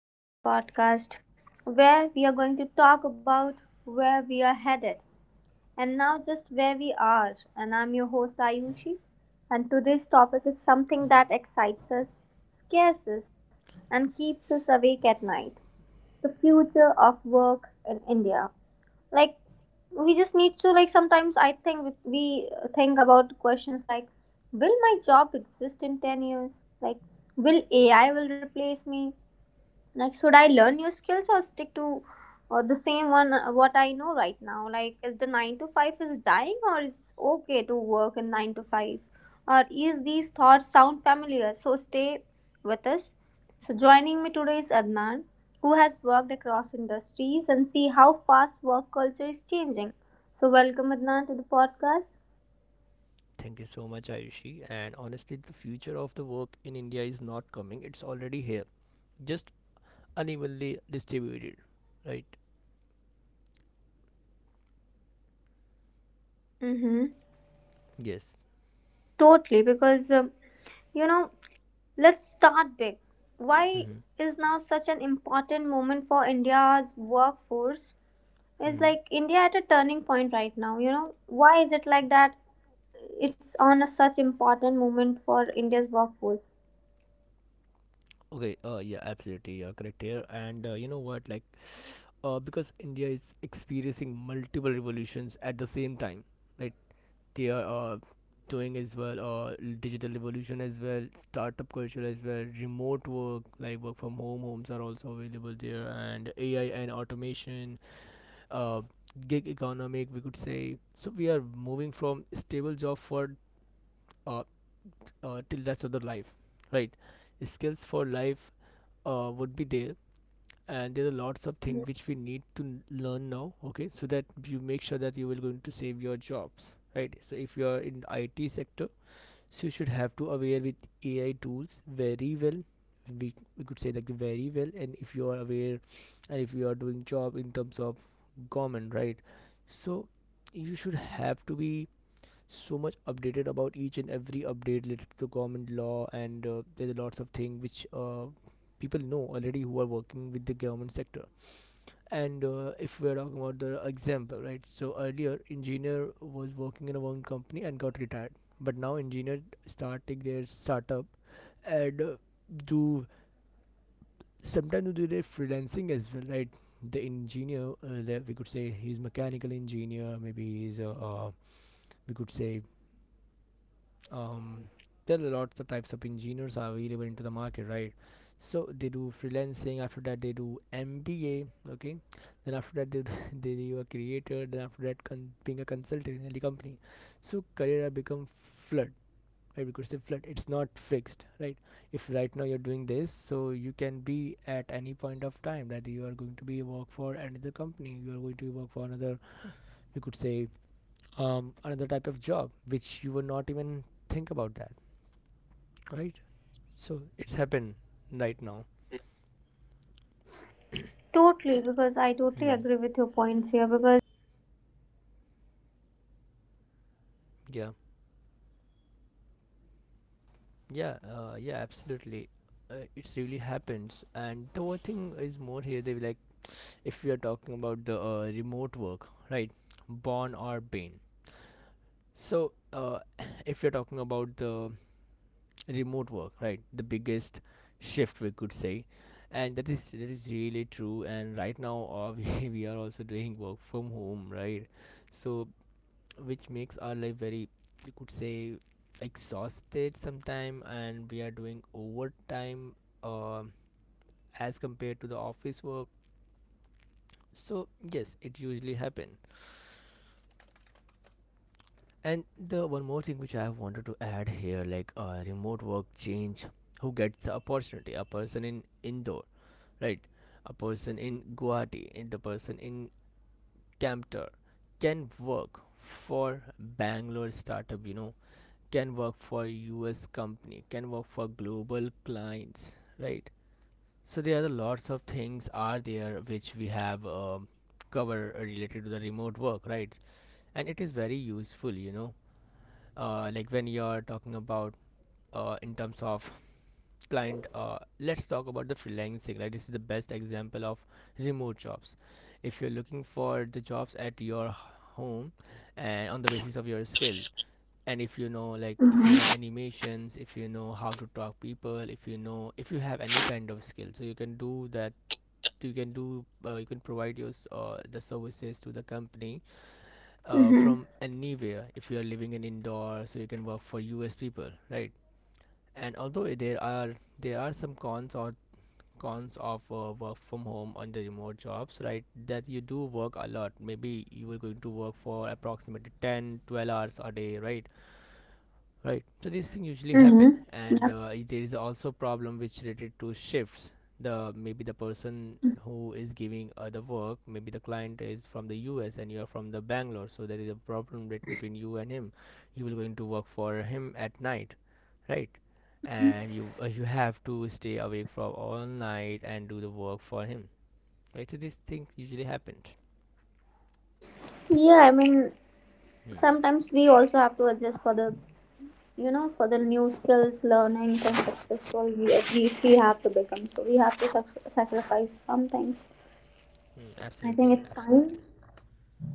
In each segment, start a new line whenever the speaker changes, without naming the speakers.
Back to the podcast where we are going to talk about where we are headed and now just where we are. And I'm your host, Ayushi. And today's topic is something that excites us, scares us, and keeps us awake at night, the future of work in India. Like, we just need to, like, sometimes I think we think about questions like, will my job exist in 10 years? Like, will AI will replace me? Like, should I learn new skills or stick to the same one, what I know right now? Like, is the nine to five is dying, or it's okay to work in nine to five? Or is these thoughts sound familiar? So stay with us. So joining me today is Adnan, who has worked across industries and see how fast work culture is changing. So welcome Adnan to the podcast.
Thank you so much, Ayushi. And honestly, the future of the work in India is not coming, it's already here, just unevenly distributed, right?
Mm-hmm.
Yes.
Totally, because you know Let's start big. Why
Mm-hmm.
is now such an important moment for India's workforce? It's
Mm-hmm.
like India at a turning point right now, you know. Why is it like that? It's on a such important moment for India's workforce.
Okay, yeah, absolutely, you're correct here. And you know what, like, because India is experiencing multiple revolutions at the same time, right? They are doing as well, digital revolution as well, startup culture as well, remote work, like work from home, homes are also available there, and AI and automation, uh, gig economic we could say. So we are moving from stable job for, uh, till rest of the life, right? Skills for life would be there, and there are lots of things which we need to learn now, okay, so that you make sure that you will going to save your jobs, right? So if you are in IT sector, so you should have to aware with ai tools very well, we could say, like very well. And if you are aware, and if you are doing job in terms of government, right? So you should have to be so much updated about each and every update related to government law, and there's lots of things which people know already who are working with the government sector. And if we're talking about the example, right? So earlier engineer was working in a one company and got retired, but now engineer starting their startup, and do sometimes do their freelancing as well, right? The engineer, that we could say he's mechanical engineer, maybe he's a, we could say, um, there are lots of types of engineers are available into the market, right? So they do freelancing, after that they do mba, okay, then after that they do they do a creator, then after that being a consultant in any company. So career have become flood, right? Because the flood, it's not fixed, right? If right now you're doing this, so you can be at any point of time that you are going to be work for another company, you are going to work for another, you could say, another type of job which you were not even think about that, right? So it's happened right now.
Totally, because I totally
Hmm.
agree with your points here. Because like now, it's not about the even stability
Yeah,
or flexibility. Now here, it's about what we are
yeah,
learning every
yeah,
day,
absolutely,
how it's going to
it's
benefit
really
us in the
happens.
future,
And the
right?
other thing is
So
more
the
here, they like,
skills which we are going to
if we are
learn now,
talking
it
about the
would be like for
remote
life.
work, right? Born or bane.
Can you
So
hear me?
if you're talking about the remote work, right, the biggest shift, we could say, and that is really true. And right now we are also doing work from home, right?
Can you hear
So
me, Adnan?
which makes our life very, you could say, exhausted sometime, and we are doing overtime uh, as compared to the office work. So yes, it usually happen. And the one more thing which I have wanted to add here, like remote work change who gets the opportunity. A person in indore, right, a person in guwahati, and the person in camter can work for bangalore startup, you know, can work for US company, can work for global clients, right? So there are the lots of things are there which we have, cover related to the remote work, right? And it is very useful, you know, like when you are talking about in terms of client. Let's talk about the freelancing, right? This is the best example of remote jobs. If you're looking for the jobs at your home and on the basis of your skill, and if you know, like if you know
Mhm.
animations, if you know how to talk people, if you know, if you have any kind of skill, so you can do that, you can do you can provide your the services to the company
Mhm.
from anywhere. If you are living in indoor, so you can work for us people, right? And although there are some cons of work from home on the remote jobs, right, that you do work a lot, maybe you are going to work for approximately 10 12 hours a day, right? Right, so these things usually happen.
Mhm.
And
Yep.
there is also problem which related to shifts. The maybe the person who is giving the work, maybe the client is from the us and you are from the bangalore, so there is a problem between you and him. You will going to work for him at night, right? And you, you have to stay awake for all night and do the work for him, right? So these things usually happened.
Yeah, I mean,
Hmm.
sometimes we also have to adjust for the, you know, for the new skills, learning, and
Hmm.
successful we have to become. So we have to sacrifice some things.
Hmm,
I
absolutely,
think it's time.
absolutely.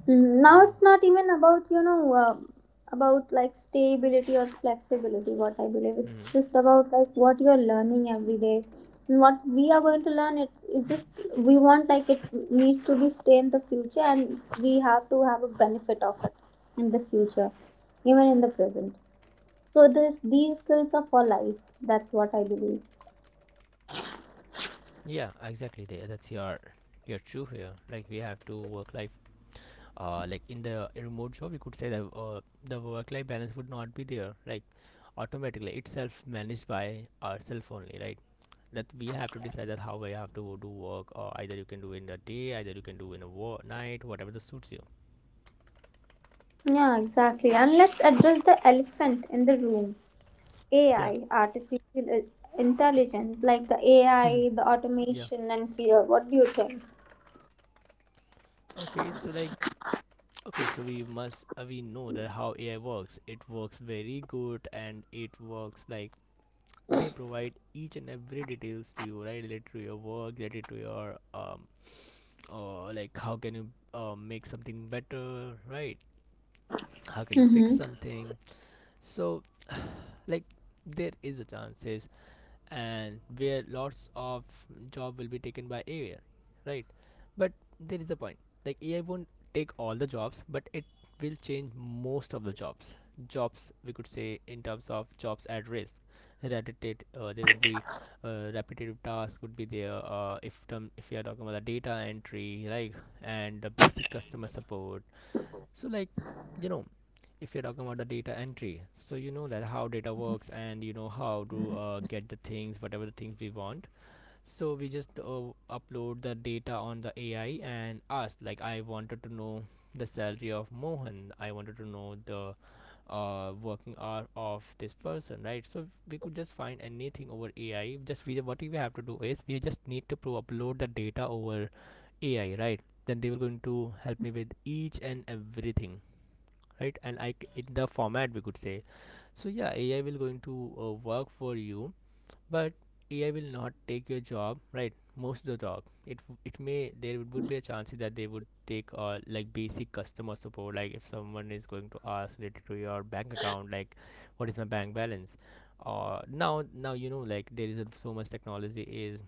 Mm, now
Hmm.
it's not even about, you know, about like stability or flexibility, what I believe it's
Hmm.
just about like what you're learning every day, and what we are going to learn, it just, we want like it needs to be stay in the future, and we have to have a benefit of it in the future, even in the present. So this these skills are for life, that's what I believe.
Yeah, exactly. There. That's your true here. Like we have to work life. Like in the remote job, we could say that the work life balance would not be there. Like automatically, it's self managed by ourselves only, right? That we have to decide that how we have to do work, or either you can do in the day, either you can do in a night, whatever that suits you.
Yeah, exactly. And let's address the elephant in the room,
Yeah.
AI, intelligence, like the AI, the
Yeah.
automation, and fear. What do you think?
Okay. So like, okay. So we must, we know that how AI works. It works very good, and it works like they provide each and every details to you, right, related to your work, related to your like how can you make something better, right? How can you fix
Mm-hmm.
something? So like there is a chances, and where lots of job will be taken by AI, right? But there is a point. Like AI won't take all the jobs, but it will change most of the jobs. Jobs, we could say, in terms of jobs at risk. Repetitive, there would be repetitive tasks would be there. If term, if you are talking about the data entry, like, and the basic customer support. So like, you know, if you're talking about the data entry, so you know that how data works, and you know how to get the things, whatever the things we want. So we just upload the data on the ai and ask, like, I wanted to know the salary of mohan, I wanted to know the working hour of this person, right? So we could just find anything over ai, just we, what we have to do is we just need to upload the data over ai, right? Then they will going to help me with each and everything, right? And in the format, we could say. So yeah, ai will going to work for you. But ai will not take your job, right? Most of the job, it may, there would be a chance that they would take, like basic customer support. Like if someone is going to ask related to your bank account, like, what is my bank balance? Uh, now, now, you know, like, there is a, so much technology is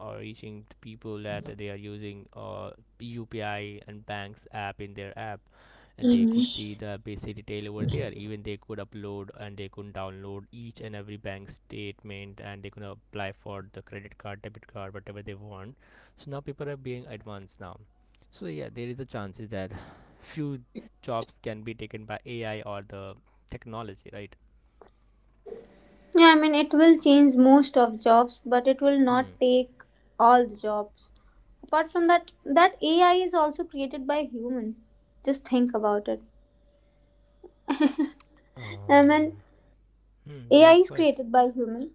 or reaching the people that they are using UPI and banks app in their app, and they could
Mm-hmm.
see the basic detail over there. Even they could upload and they could download each and every bank statement, and they could apply for the credit card, debit card, whatever they want. So now people are being advanced now. So yeah, there is a chances that few jobs can be taken by ai or the technology, right?
Yeah, I mean, it will change most of jobs, but it will not
Hmm.
take all the jobs. Apart from that, that AI is also created by human. Just think about it. I mean,
Um. Hmm.
AI
Yeah. Of
is
course.
created by human.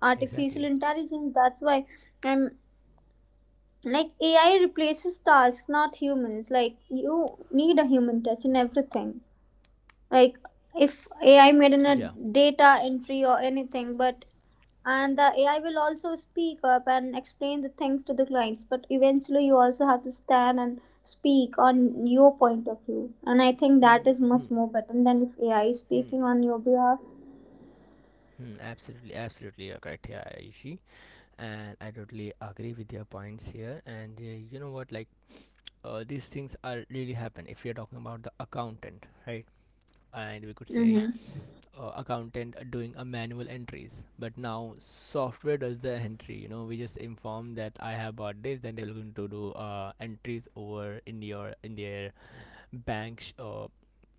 Artificial
Exactly.
intelligence. That's why I'm like AI replaces tasks, not humans. Like you need a human touch in everything. Like if AI made in a
Yeah.
data entry or anything, but and the AI will also speak up and explain the things to the clients, but eventually you also have to stand and speak on your point of view, and I think that is much
Hmm.
more better than if AI is
Hmm,
speaking on your behalf.
hmm, absolutely, absolutely, you're correct here, Aishi, and I totally agree with your points here. And you know what, like these things are really happen. If you're talking about the accountant, right? And we could say,
Mm-hmm.
accountant are doing a manual entries, but now software does the entry. You know, we just inform that I have bought this, then they're going to do entries over in your, in their banks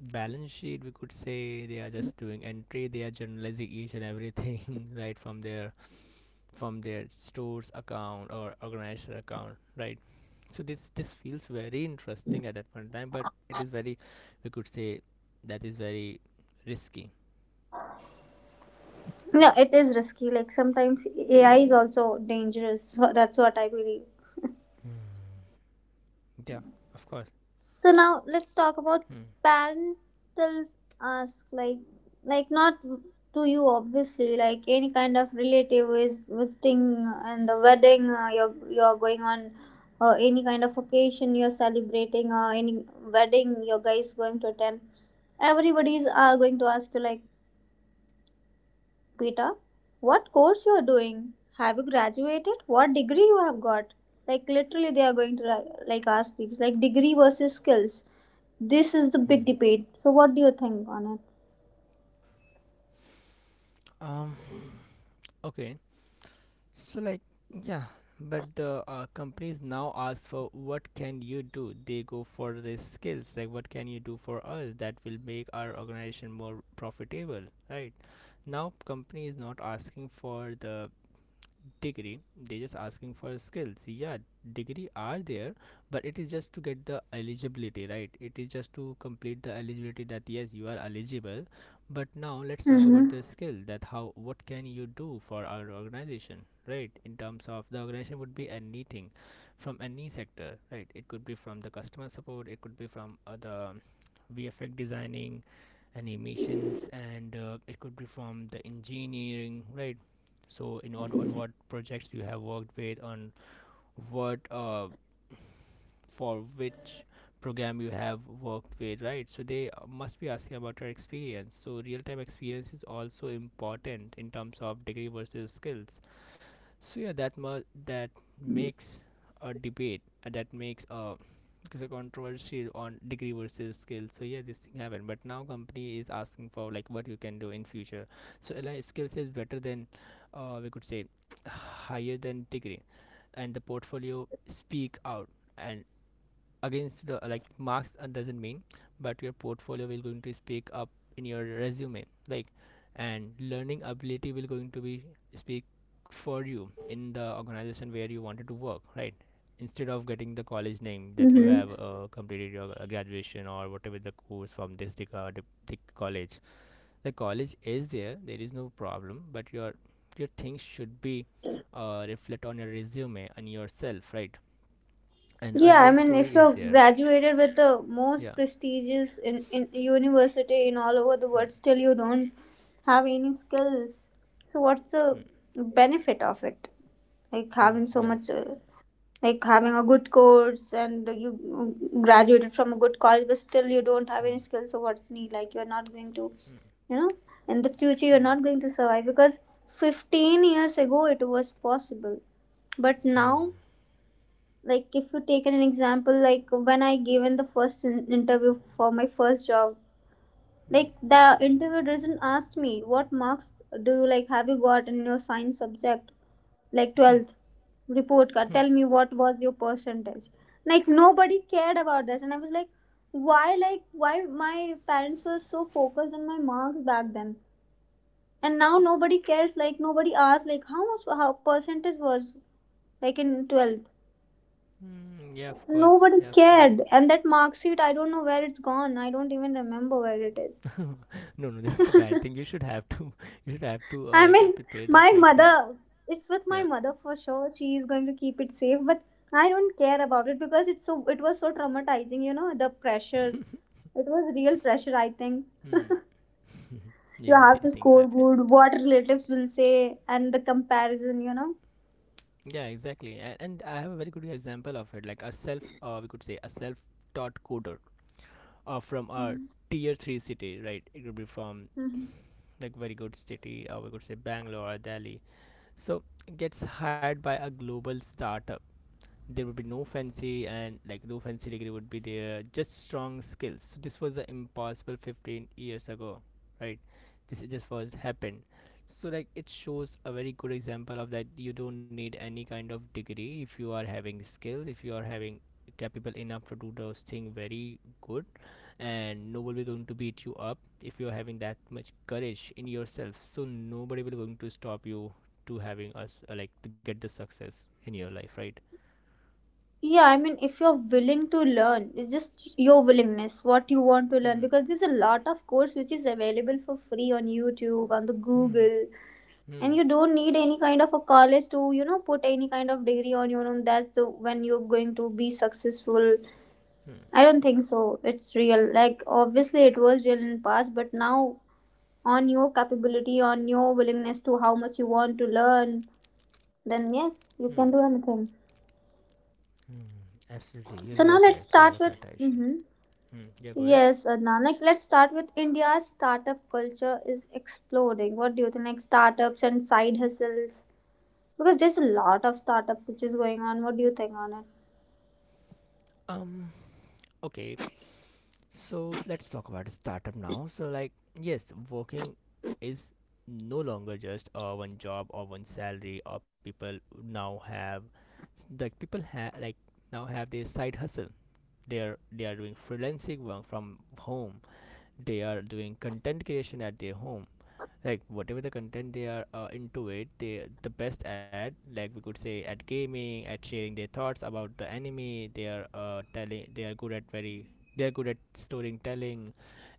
balance sheet, we could say. They are just doing entry, they are generalizing each and everything right from their, from their stores account or organizer account, right? So this feels very interesting at that point in time, but it is very, we could say, that is very risky.
Yeah, it is risky. Like sometimes AI is also dangerous, so that's what I believe.
Hmm. Yeah, of course.
So now let's talk about
Hmm,
parents still ask like not to you obviously, like any kind of relative is visiting and the wedding, you're going on, or any kind of occasion you're celebrating, or any wedding your guys going to attend, everybody's going to ask you like, Beta, what course you're doing? Have you graduated? What degree you have got? Like literally they are going to like ask these, like degree versus skills. This is the big
hmm.
debate. So what do you think on it?
Um, okay. So like, yeah, but the companies now ask for what can you do? They go for these skills, like what can you do for us that will make our organization more profitable, right? Now company is not asking for the degree, they're just asking for skills. Yeah, degree are there, but it is just to get the eligibility, right? It is just to complete the eligibility that yes, you are eligible. But now let's talk about
Mm-hmm.
the skill, that how what can you do for our organization, right? In terms of the organization would be anything from any sector, right? It could be from the customer support, it could be from the vfx designing, animations, and it could be from the engineering, right? So, in on what projects you have worked with, on what for which program you have worked with, right? So they must be asking about your experience. So real time experience is also important in terms of degree versus skills. So yeah, that makes a debate, that makes a, because a controversy on degree versus skill. So yeah, this thing happened. But now company is asking for like what you can do in future. So like skills is better than, we could say higher than degree, and the portfolio speak out and against the like marks doesn't mean, but your portfolio will going to speak up in your resume, like, and learning ability will going to be speak for you in the organization where you wanted to work, right? Instead of getting the college name, that you have
Mm-hmm.
completed your graduation or whatever the course from this college. The college is there, there is no problem, but your things should be reflect on your resume and yourself, right? And a
Yeah, I
real
mean, if
story is
you're
there.
graduated with the most
Yeah.
prestigious in university in all over the
Mm,
world, still you don't have any skills. So what's
mm,
the benefit of it? Like
mm,
having so
yeah.
much, like having a good course and you, mm, graduated from a good college, but still you don't have any skills, so what's need, like you're not going to, you know, in the future you're
Mm,
not going to survive, because 15 years ago it was possible, but now, like if you take an example, like when I given the first interview for my first job,
mm,
like the interviewer doesn't ask me what marks do you, like have you got in your science subject, like
mm, mm,
12th report card, tell me what was your percentage. Like nobody cared about this, and I was like, why, like why my parents were so focused on my marks back then, and now nobody cares, like nobody asked like how much, how percentage was, like in 12th.
mm, yeah, of course. Yeah,
Nobody
of course.
cared, and that mark sheet I don't know where it's gone, I don't even remember where it is.
No, no, this is the bad thing. You should have to. You should have to
I
like
mean,
prepare that
my
vaccine.
mother, it's with
Yeah.
my mother for sure. She is going to keep it safe, but I don't care about it, because it's so, it was so traumatizing, you know, the pressure. It was real pressure, I think.
mm,
You have to score good, what relatives will say and the comparison, you know.
yeah, exactly. And I have a very good example of it. Like a self, we could say a self-taught coder, from a
Mhm.
tier three city, right? It could be from
Mhm.
like very good city, or we could say Bangalore or Delhi. So gets hired by a global startup. There would be no fancy and like no fancy degree would be there, just strong skills. So this was the impossible 15 years ago, right? This just was happened. So like, it shows a very good example of that you don't need any kind of degree if you are having skills, if you are having capable enough to do those thing very good. And nobody going to beat you up if you're having that much courage in yourself, so nobody will going to stop you to having us like to get the success in your life, right?
Yeah, I mean, if you're willing to learn, it's just your willingness, what you want to learn,
Hmm.
because there's a lot of course which is available for free on YouTube, on the
Hmm.
Google, and
Hmm.
you don't need any kind of a college to, you know, put any kind of degree on your own, that's the, when you're going to be successful.
Hmm.
I don't think so it's real, like obviously it was real in past, but now on your capability, on your willingness to how much you want to learn, then yes, you
Hmm.
can do anything.
Hmm. Absolutely. You
So
you
now
are
let's
correct. You
start
are
with,
correct, Aishi.
hmm,
Hmm. Yeah. Go ahead.
yes Adnan, like let's start with, India's startup culture is exploding, what do you think like startups and side hustles. Because there's a lot of startup which is going on. What do you think on it?
Um. Okay. So let's talk about startup now. So like, yes, working is no longer just one job or one salary, or people now have, like people have, like now have their side hustle. They are doing freelancing work from home, they are doing content creation at their home, like whatever the content they are into it, they the best at, like we could say at gaming, at sharing their thoughts about the anime, they are telling, they are good at very, they are good at storytelling,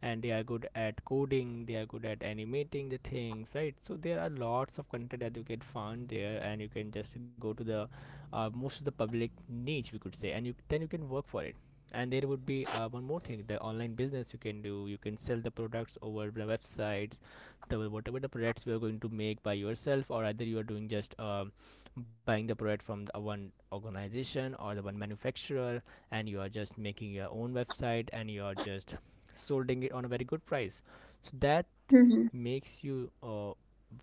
and they are good at coding, they are good at animating the things, right? So there are lots of content that you can find there, and you can just go to the most of the public niche, we could say, and you then you can work for it. And there would be one more thing, the online business you can do, you can sell the products over the websites, the whatever the products you are going to make by yourself, or either you are doing just buying the product from the one organization or the one manufacturer, and you are just making your own website and you are just solding it on a very good price. So that
Hmm.
makes you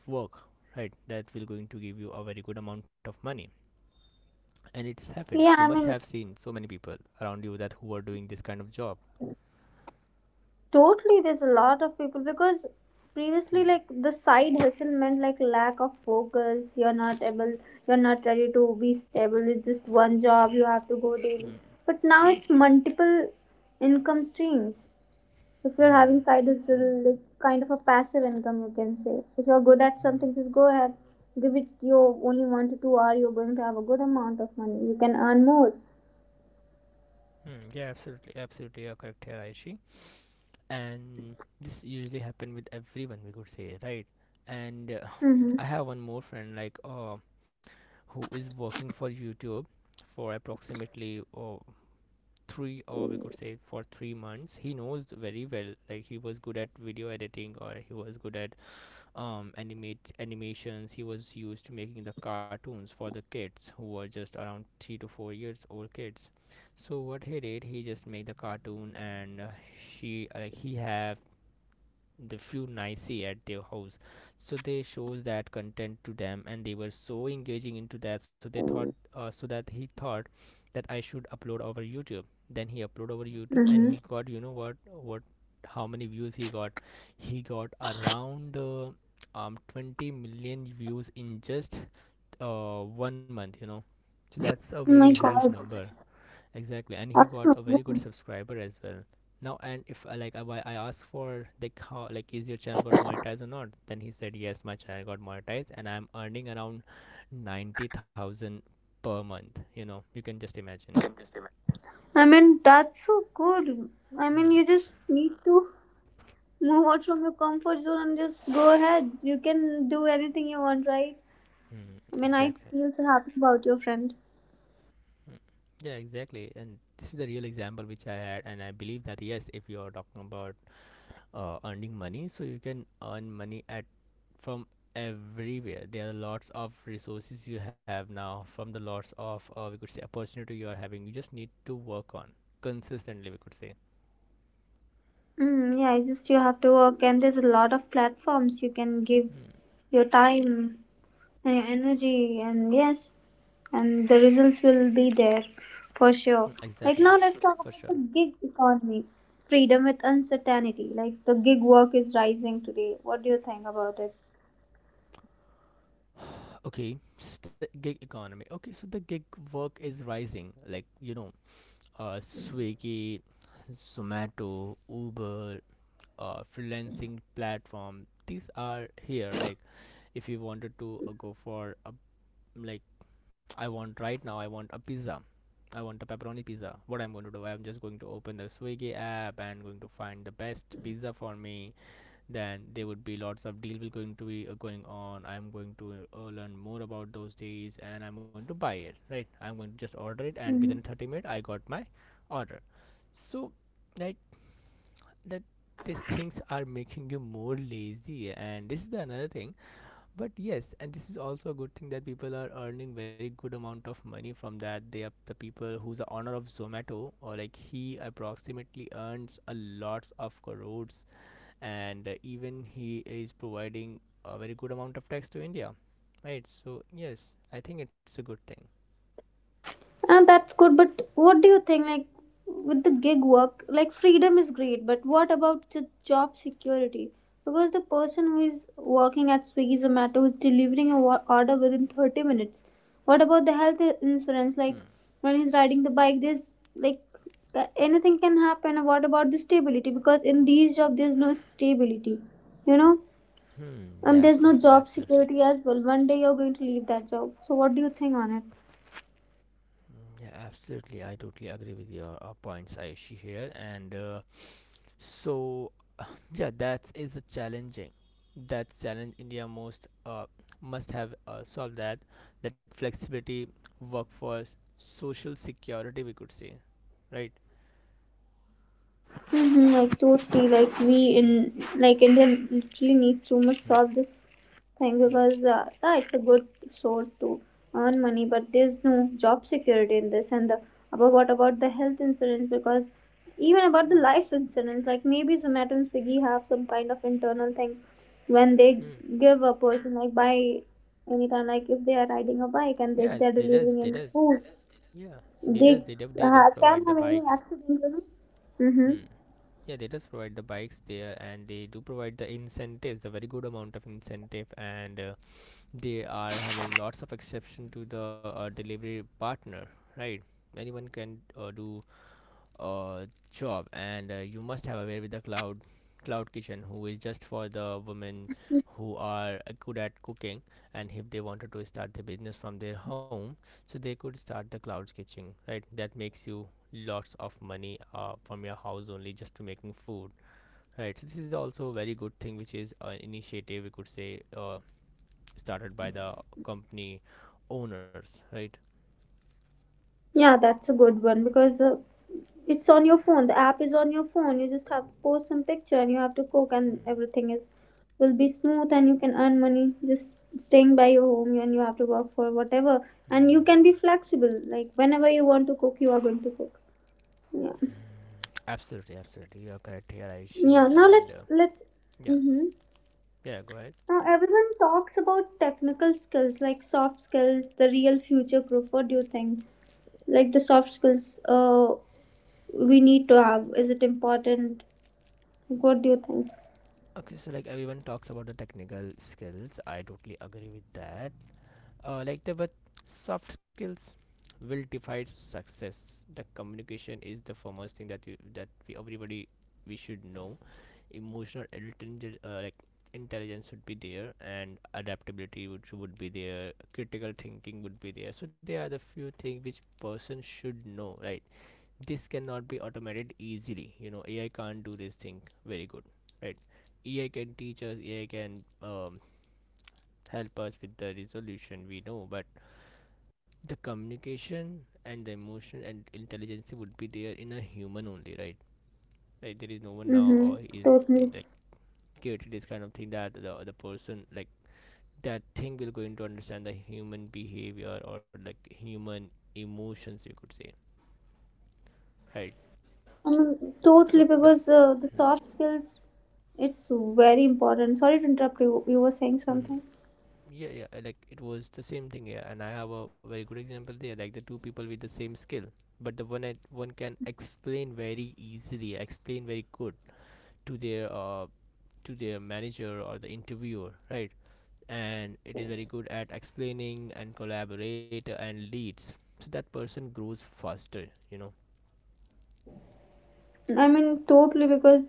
work, right? That will going to give you a very good amount of money, and it's happened, you
Yeah, I
must have
mean,
seen so many people around you that who are doing this kind of job.
totally. There's a lot of people, because previously,
Hmm.
like the side hustle meant like lack of focus. You're not able. You're not ready to be stable. It's just one job. You have to go
Hmm.
daily. But now it's multiple income streams. If you're having side hustle, like kind of a passive income, you can say. If you're good at
Hmm.
something, just go ahead. Give it your only one to two hour. You're going to have a good amount of money. You can earn more.
Hmm. Yeah, absolutely, absolutely, you're correct here, Aishi. And this usually happen with everyone, we could say, right? And
Mm-hmm.
I have one more friend, like who is working for youtube for approximately three, or we could say for 3 months. He knows very well, like he was good at video editing, or he was good at animate animations. He was used to making the cartoons for the kids who were just around 3 to 4 years old kids. So what he did, he just made the cartoon, and she, like he have the few nicey at their house, so they shows that content to them, and they were so engaging into that, so they thought, that he thought that I should upload over youtube. Then he upload over youtube and
Mm-hmm.
he got, you know what, how many views he got? He got around 20 million views in just 1 month, you know. So that's a
Oh
very
my
huge
God,
number. Exactly, and he
that's
got a very good
amazing.
subscriber as well. Now, and if I like I asked for like how, like is your channel got monetized or not, then he said yes, my channel got monetized, and I'm earning around 90,000 per month. You know, you can just imagine.
I mean, that's so good. I mean, you just need to move out from your comfort zone and just go ahead. You can do anything you want, right?
Mm,
I mean, I
exactly.
feel so happy about your friend.
Mm. Yeah, exactly. And this is the real example which I had, and I believe that yes, if you are talking about earning money, so you can earn money at, from everywhere. There are lots of resources you have now, from the lots of, we could say opportunity you are having, you just need to work on consistently, we could say.
Mm, yeah, it's just you have to work, and there's a lot of platforms you can give
Hmm.
your time and your energy, and yes, and the results will be there for sure. Like
Exactly.
now, let's talk
For
about
sure.
the gig economy, freedom with uncertainty. Like the gig work is rising today. What do you think about it?
Okay, gig economy. Okay, so the gig work is rising, like, you know, swiggy, zomato, uber, freelancing platform, these are here. Like if you wanted to go for a, like, I want right now. I want a pizza. I want a pepperoni pizza. What I'm going to do? I'm just going to open the Swiggy app and going to find the best pizza for me. Then there would be lots of deal will going to be going on. I'm going to learn more about those deals and I'm going to buy it. Right? I'm going to just order it, and within 30 minutes I got my order. So, right, that these things are making you more lazy, and this is the another thing. But yes, and this is also a good thing, that people are earning very good amount of money from that. They are the people who's the owner of zomato, or like he approximately earns a lots of crores, and even he is providing a very good amount of tax to india, right? So yes, I think it's a good thing.
And that's good, but what do you think? Like with the gig work, like freedom is great, but what about the job security? Because the person who is working at Swiggy Zomato is delivering a order within 30 minutes. What about the health insurance?
Hmm.
Like when he's riding the bike, there's like anything can happen. What about the stability? Because in these jobs, there's no stability, you know,
Hmm, yeah,
and there's no
absolutely,
job
absolutely.
security as well. One day you're going to leave that job. So what do you think on it?
Mm, yeah, absolutely. I totally agree with your points, Ayushi here. And so, yeah, that is a challenging. That's challenge India most must have solved that. That flexibility, workforce, social security, we could say, right?
Mm-hmm, like totally, like we in like India literally needs to much
Hmm.
solve this thing,
Hmm.
because yeah, it's a good source to earn money, but there's no job security in this. And the, about what about the health insurance? Because even about the
Hmm.
life insurance, like maybe Zomato and Swiggy have some kind of internal thing when they
Hmm.
give a person like by anytime, like if they are riding a bike and if
Yeah,
they
they
are
does. They
delivering any
does.
food,
Yeah, They
they
do, they does provide
can
the
have any
bikes.
accident. You know? Mm-hmm.
Hmm. Yeah, they does provide the bikes there, and they do provide the incentives, the very good amount of incentive, and they are having lots of exception to the delivery partner, right? Anyone can do uh, job, and you must have a way with the cloud kitchen, who is just for the women who are good at cooking, and if they wanted to start the business from their home, so they could start the cloud kitchen, right? That makes you lots of money from your house only, just to making food, right? So this is also a very good thing, which is an initiative, we could say, started by the company owners, right?
Yeah, that's a good one, because it's on your phone. The app is on your phone. You just have to post some picture and you have to cook and everything is will be smooth, and you can earn money just staying by your home, and you have to work for whatever, and you can be flexible, like whenever you want to cook you are going to cook. Yeah.
Absolutely, absolutely, you are correct here, Ayushi.
Yeah, now
And
let's let's
yeah,
mm-hmm.
yeah, go ahead.
Now everyone talks about technical skills like soft skills, the real future proof. What do you think? Like the soft skills, uh, we need to have. Is it important? What do you think?
Okay, so like everyone talks about the technical skills. I totally agree with that. Like the but soft skills will define success. The communication is the foremost thing, that you that we everybody we should know. Emotional intelligence, like intelligence, should be there, and adaptability would be there. Critical thinking would be there. So there are the few things which person should know, right? This cannot be automated easily, you know, AI can't do this thing very good, right? AI can teach us, AI can help us with the resolution, we know, but the communication and the emotion and intelligence would be there in a human only, right? Like there is no one now
Mm-hmm.
or is
Totally.
like created this kind of thing that the person, like that thing will going to understand the human behavior or like human emotions, you could say, right?
I mean, totally
So
because,
that's
the
hmm,
soft skills, it's very important. Sorry to interrupt you. You were saying something.
hmm. yeah, like it was the same thing, yeah, and I have a very good example there, like the two people with the same skill, but the one can explain very easily, explain very good to their uh to their manager or the interviewer, right? And it is very good at explaining and collaborate and leads, so that person grows faster, you know.
I mean, totally because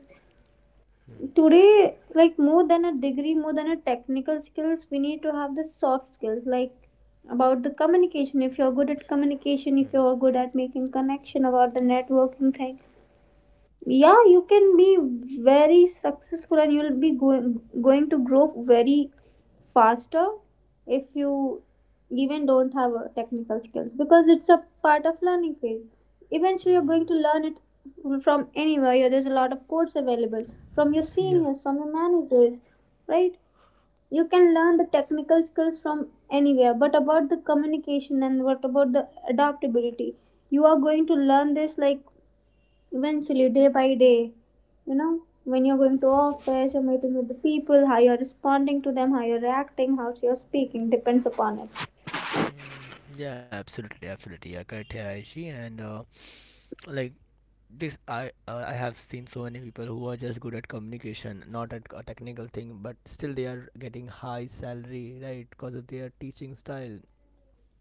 today, like more than a degree, more than a technical skills, we need to have the soft skills like about the communication. If you're good at communication, if you're good at making connection, about the networking thing, yeah, you can be very successful and you'll be going to grow very faster if you even don't have technical skills because it's a part of learning phase. Eventually you're going to learn it from anywhere. Yeah, there's a lot of course available from your
Yeah.
seniors, from your managers, right? You can learn the technical skills from anywhere, but about the communication and what about the adaptability, you are going to learn this like eventually, day by day, you know, when you're going to office, you're meeting with the people, how you're responding to them, how you're reacting, how you're speaking depends upon it.
Mm, yeah, absolutely, absolutely. Yeah, correct here, Aishi. And like this I have seen so many people who are just good at communication, not at a technical thing, but still they are getting high salary, right? Because of their teaching style,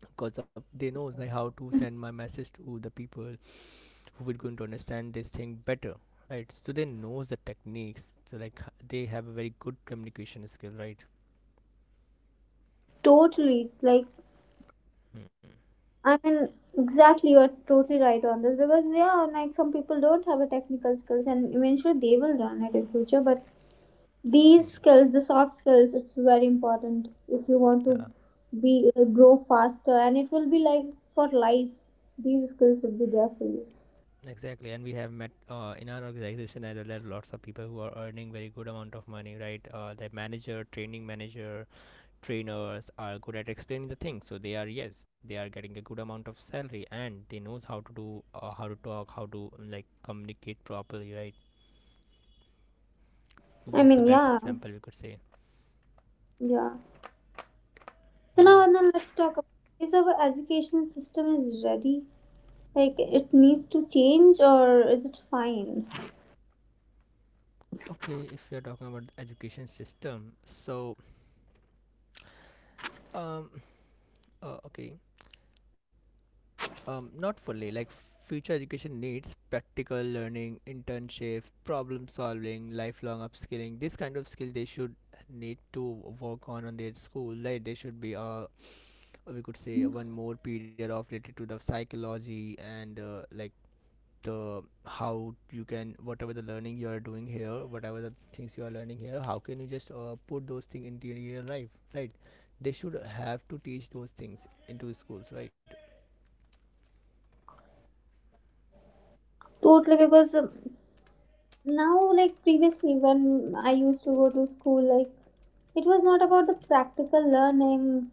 because of they knows like how to send my message to the people who will going to understand this thing better, right? So they knows the techniques, so like they have a very good communication skill, right?
Totally. Like,
Hmm.
i mean exactly, you're totally right on this because yeah, like some people don't have a technical skills and eventually they will learn it in future, but these
Hmm.
skills, the soft skills, it's very important if you want to
Yeah,
be like, grow faster, and it will be like for life. These skills will be there for you.
exactly, and we have met in our organization as well, there are lots of people who are earning very good amount of money, right? The manager, training manager, trainers are good at explaining the thing, so they are, yes, they are getting a good amount of salary, and they knows how to do how to talk, how to like communicate properly, right? This
I
is the
mean,
best
yeah,
example we could say.
yeah. So
Yeah,
now and then let's talk about, is our education system is ready? Like, it needs to change or is it fine?
okay, if you're talking about the education system, so um okay, not fully, like future education needs practical learning, internship, problem solving, lifelong upskilling. This kind of skill they should need to work on their school, like they should be we could say, one more period of related to the psychology and like the how you can, whatever the learning you are doing here, whatever the things you are learning here, how can you just put those things into your real life, right? They should have to teach those things into schools, right?
Totally, because now, like previously when I used to go to school, like it was not about the practical learning.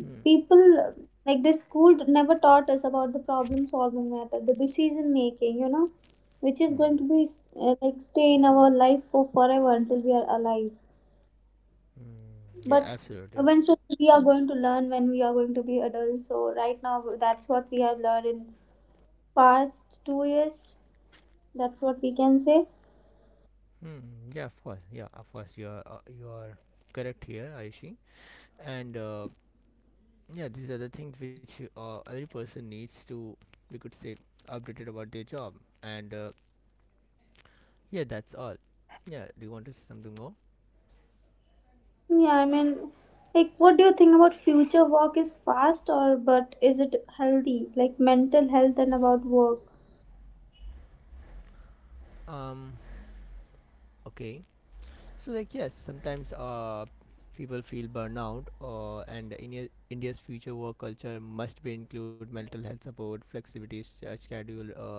Hmm.
People like the school never taught us about the problem solving method, the decision making, which is
Hmm.
going to be like stay in our life for forever until we are alive.
Hmm. Yeah,
But
absolutely.
eventually we are going to learn when we are going to be adults, so right now that's what we have learned in past 2 years. That's what we can say.
Hmm. Yeah, of course, yeah, of course, you are correct here, Aishi. And yeah, these are the things which every person needs to, we could say, updated about their job. And yeah, that's all. Yeah, do you want to say something more?
Yeah, I mean, like, what do you think about future work is fast, or but is it healthy, like mental health and about work?
um okay, so like, yes, sometimes people feel burnout, and India, india's future work culture must be include mental health support, flexibility, schedule,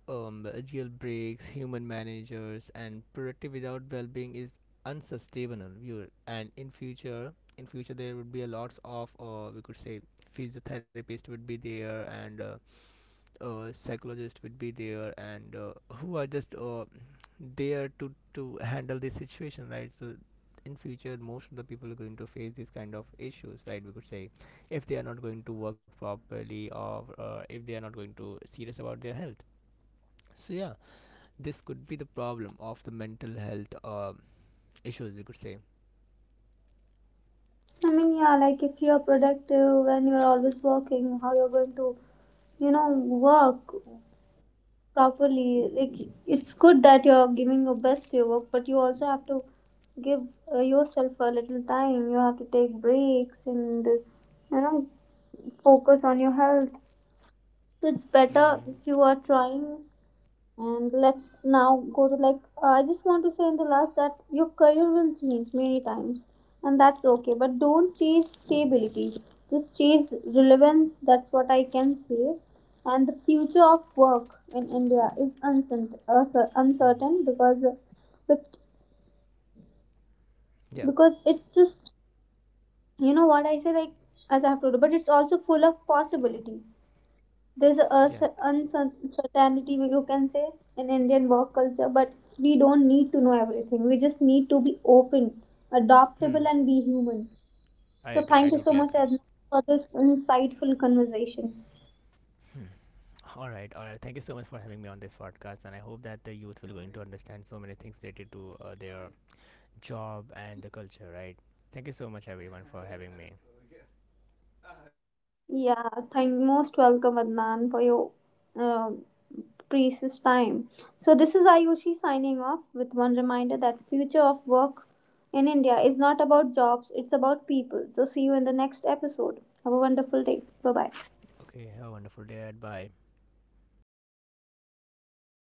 um, jailbreaks, human managers, and productive without well-being is unsustainable. You. And in future there would be a lots of, we could say, physiotherapist would be there, and psychologist would be there, and who are just there to handle this situation, right? So in future most of the people are going to face these kind of issues, right, we could say, if they are not going to work properly, or if they are not going to serious about their health. So yeah, this could be the problem of the mental health issues, we could say.
I mean yeah, like if you're productive and you're always working, how you're going to, work properly, like it's good that you're giving your best to your work, but you also have to give yourself a little time. You have to take breaks and you know focus on your health. So it's better
Hmm.
if you are trying. And let's now go to like, I just want to say in the last that your career will change many times, and that's okay. But don't chase stability, just chase relevance. That's what I can say. And the future of work in India is uncertain,
Hmm.
uncertain because, but
Yeah,
because it's just, you know what I say, like as I have told you, but it's also full of possibility. There's a
yeah.
uncertainty, you can say, in Indian work culture, but we don't need to know everything. We just need to be open,
Hmm.
adaptable, and be human.
I
So
agree, I
thank you so
totally
much,
agree.
Adnan, for this insightful conversation.
All right, all right, thank you so much for having me on this podcast, and I hope that the youth will going to understand so many things related to their job and the culture, right? Thank you so much everyone for having me.
Yeah, thank, most welcome, Adnan, for your um precious time. So this is Ayushi signing off with one reminder, that future of work in India is not about jobs, it's about people. So see you in the next episode. Have a wonderful day. Bye bye
Okay, have a wonderful day, bye.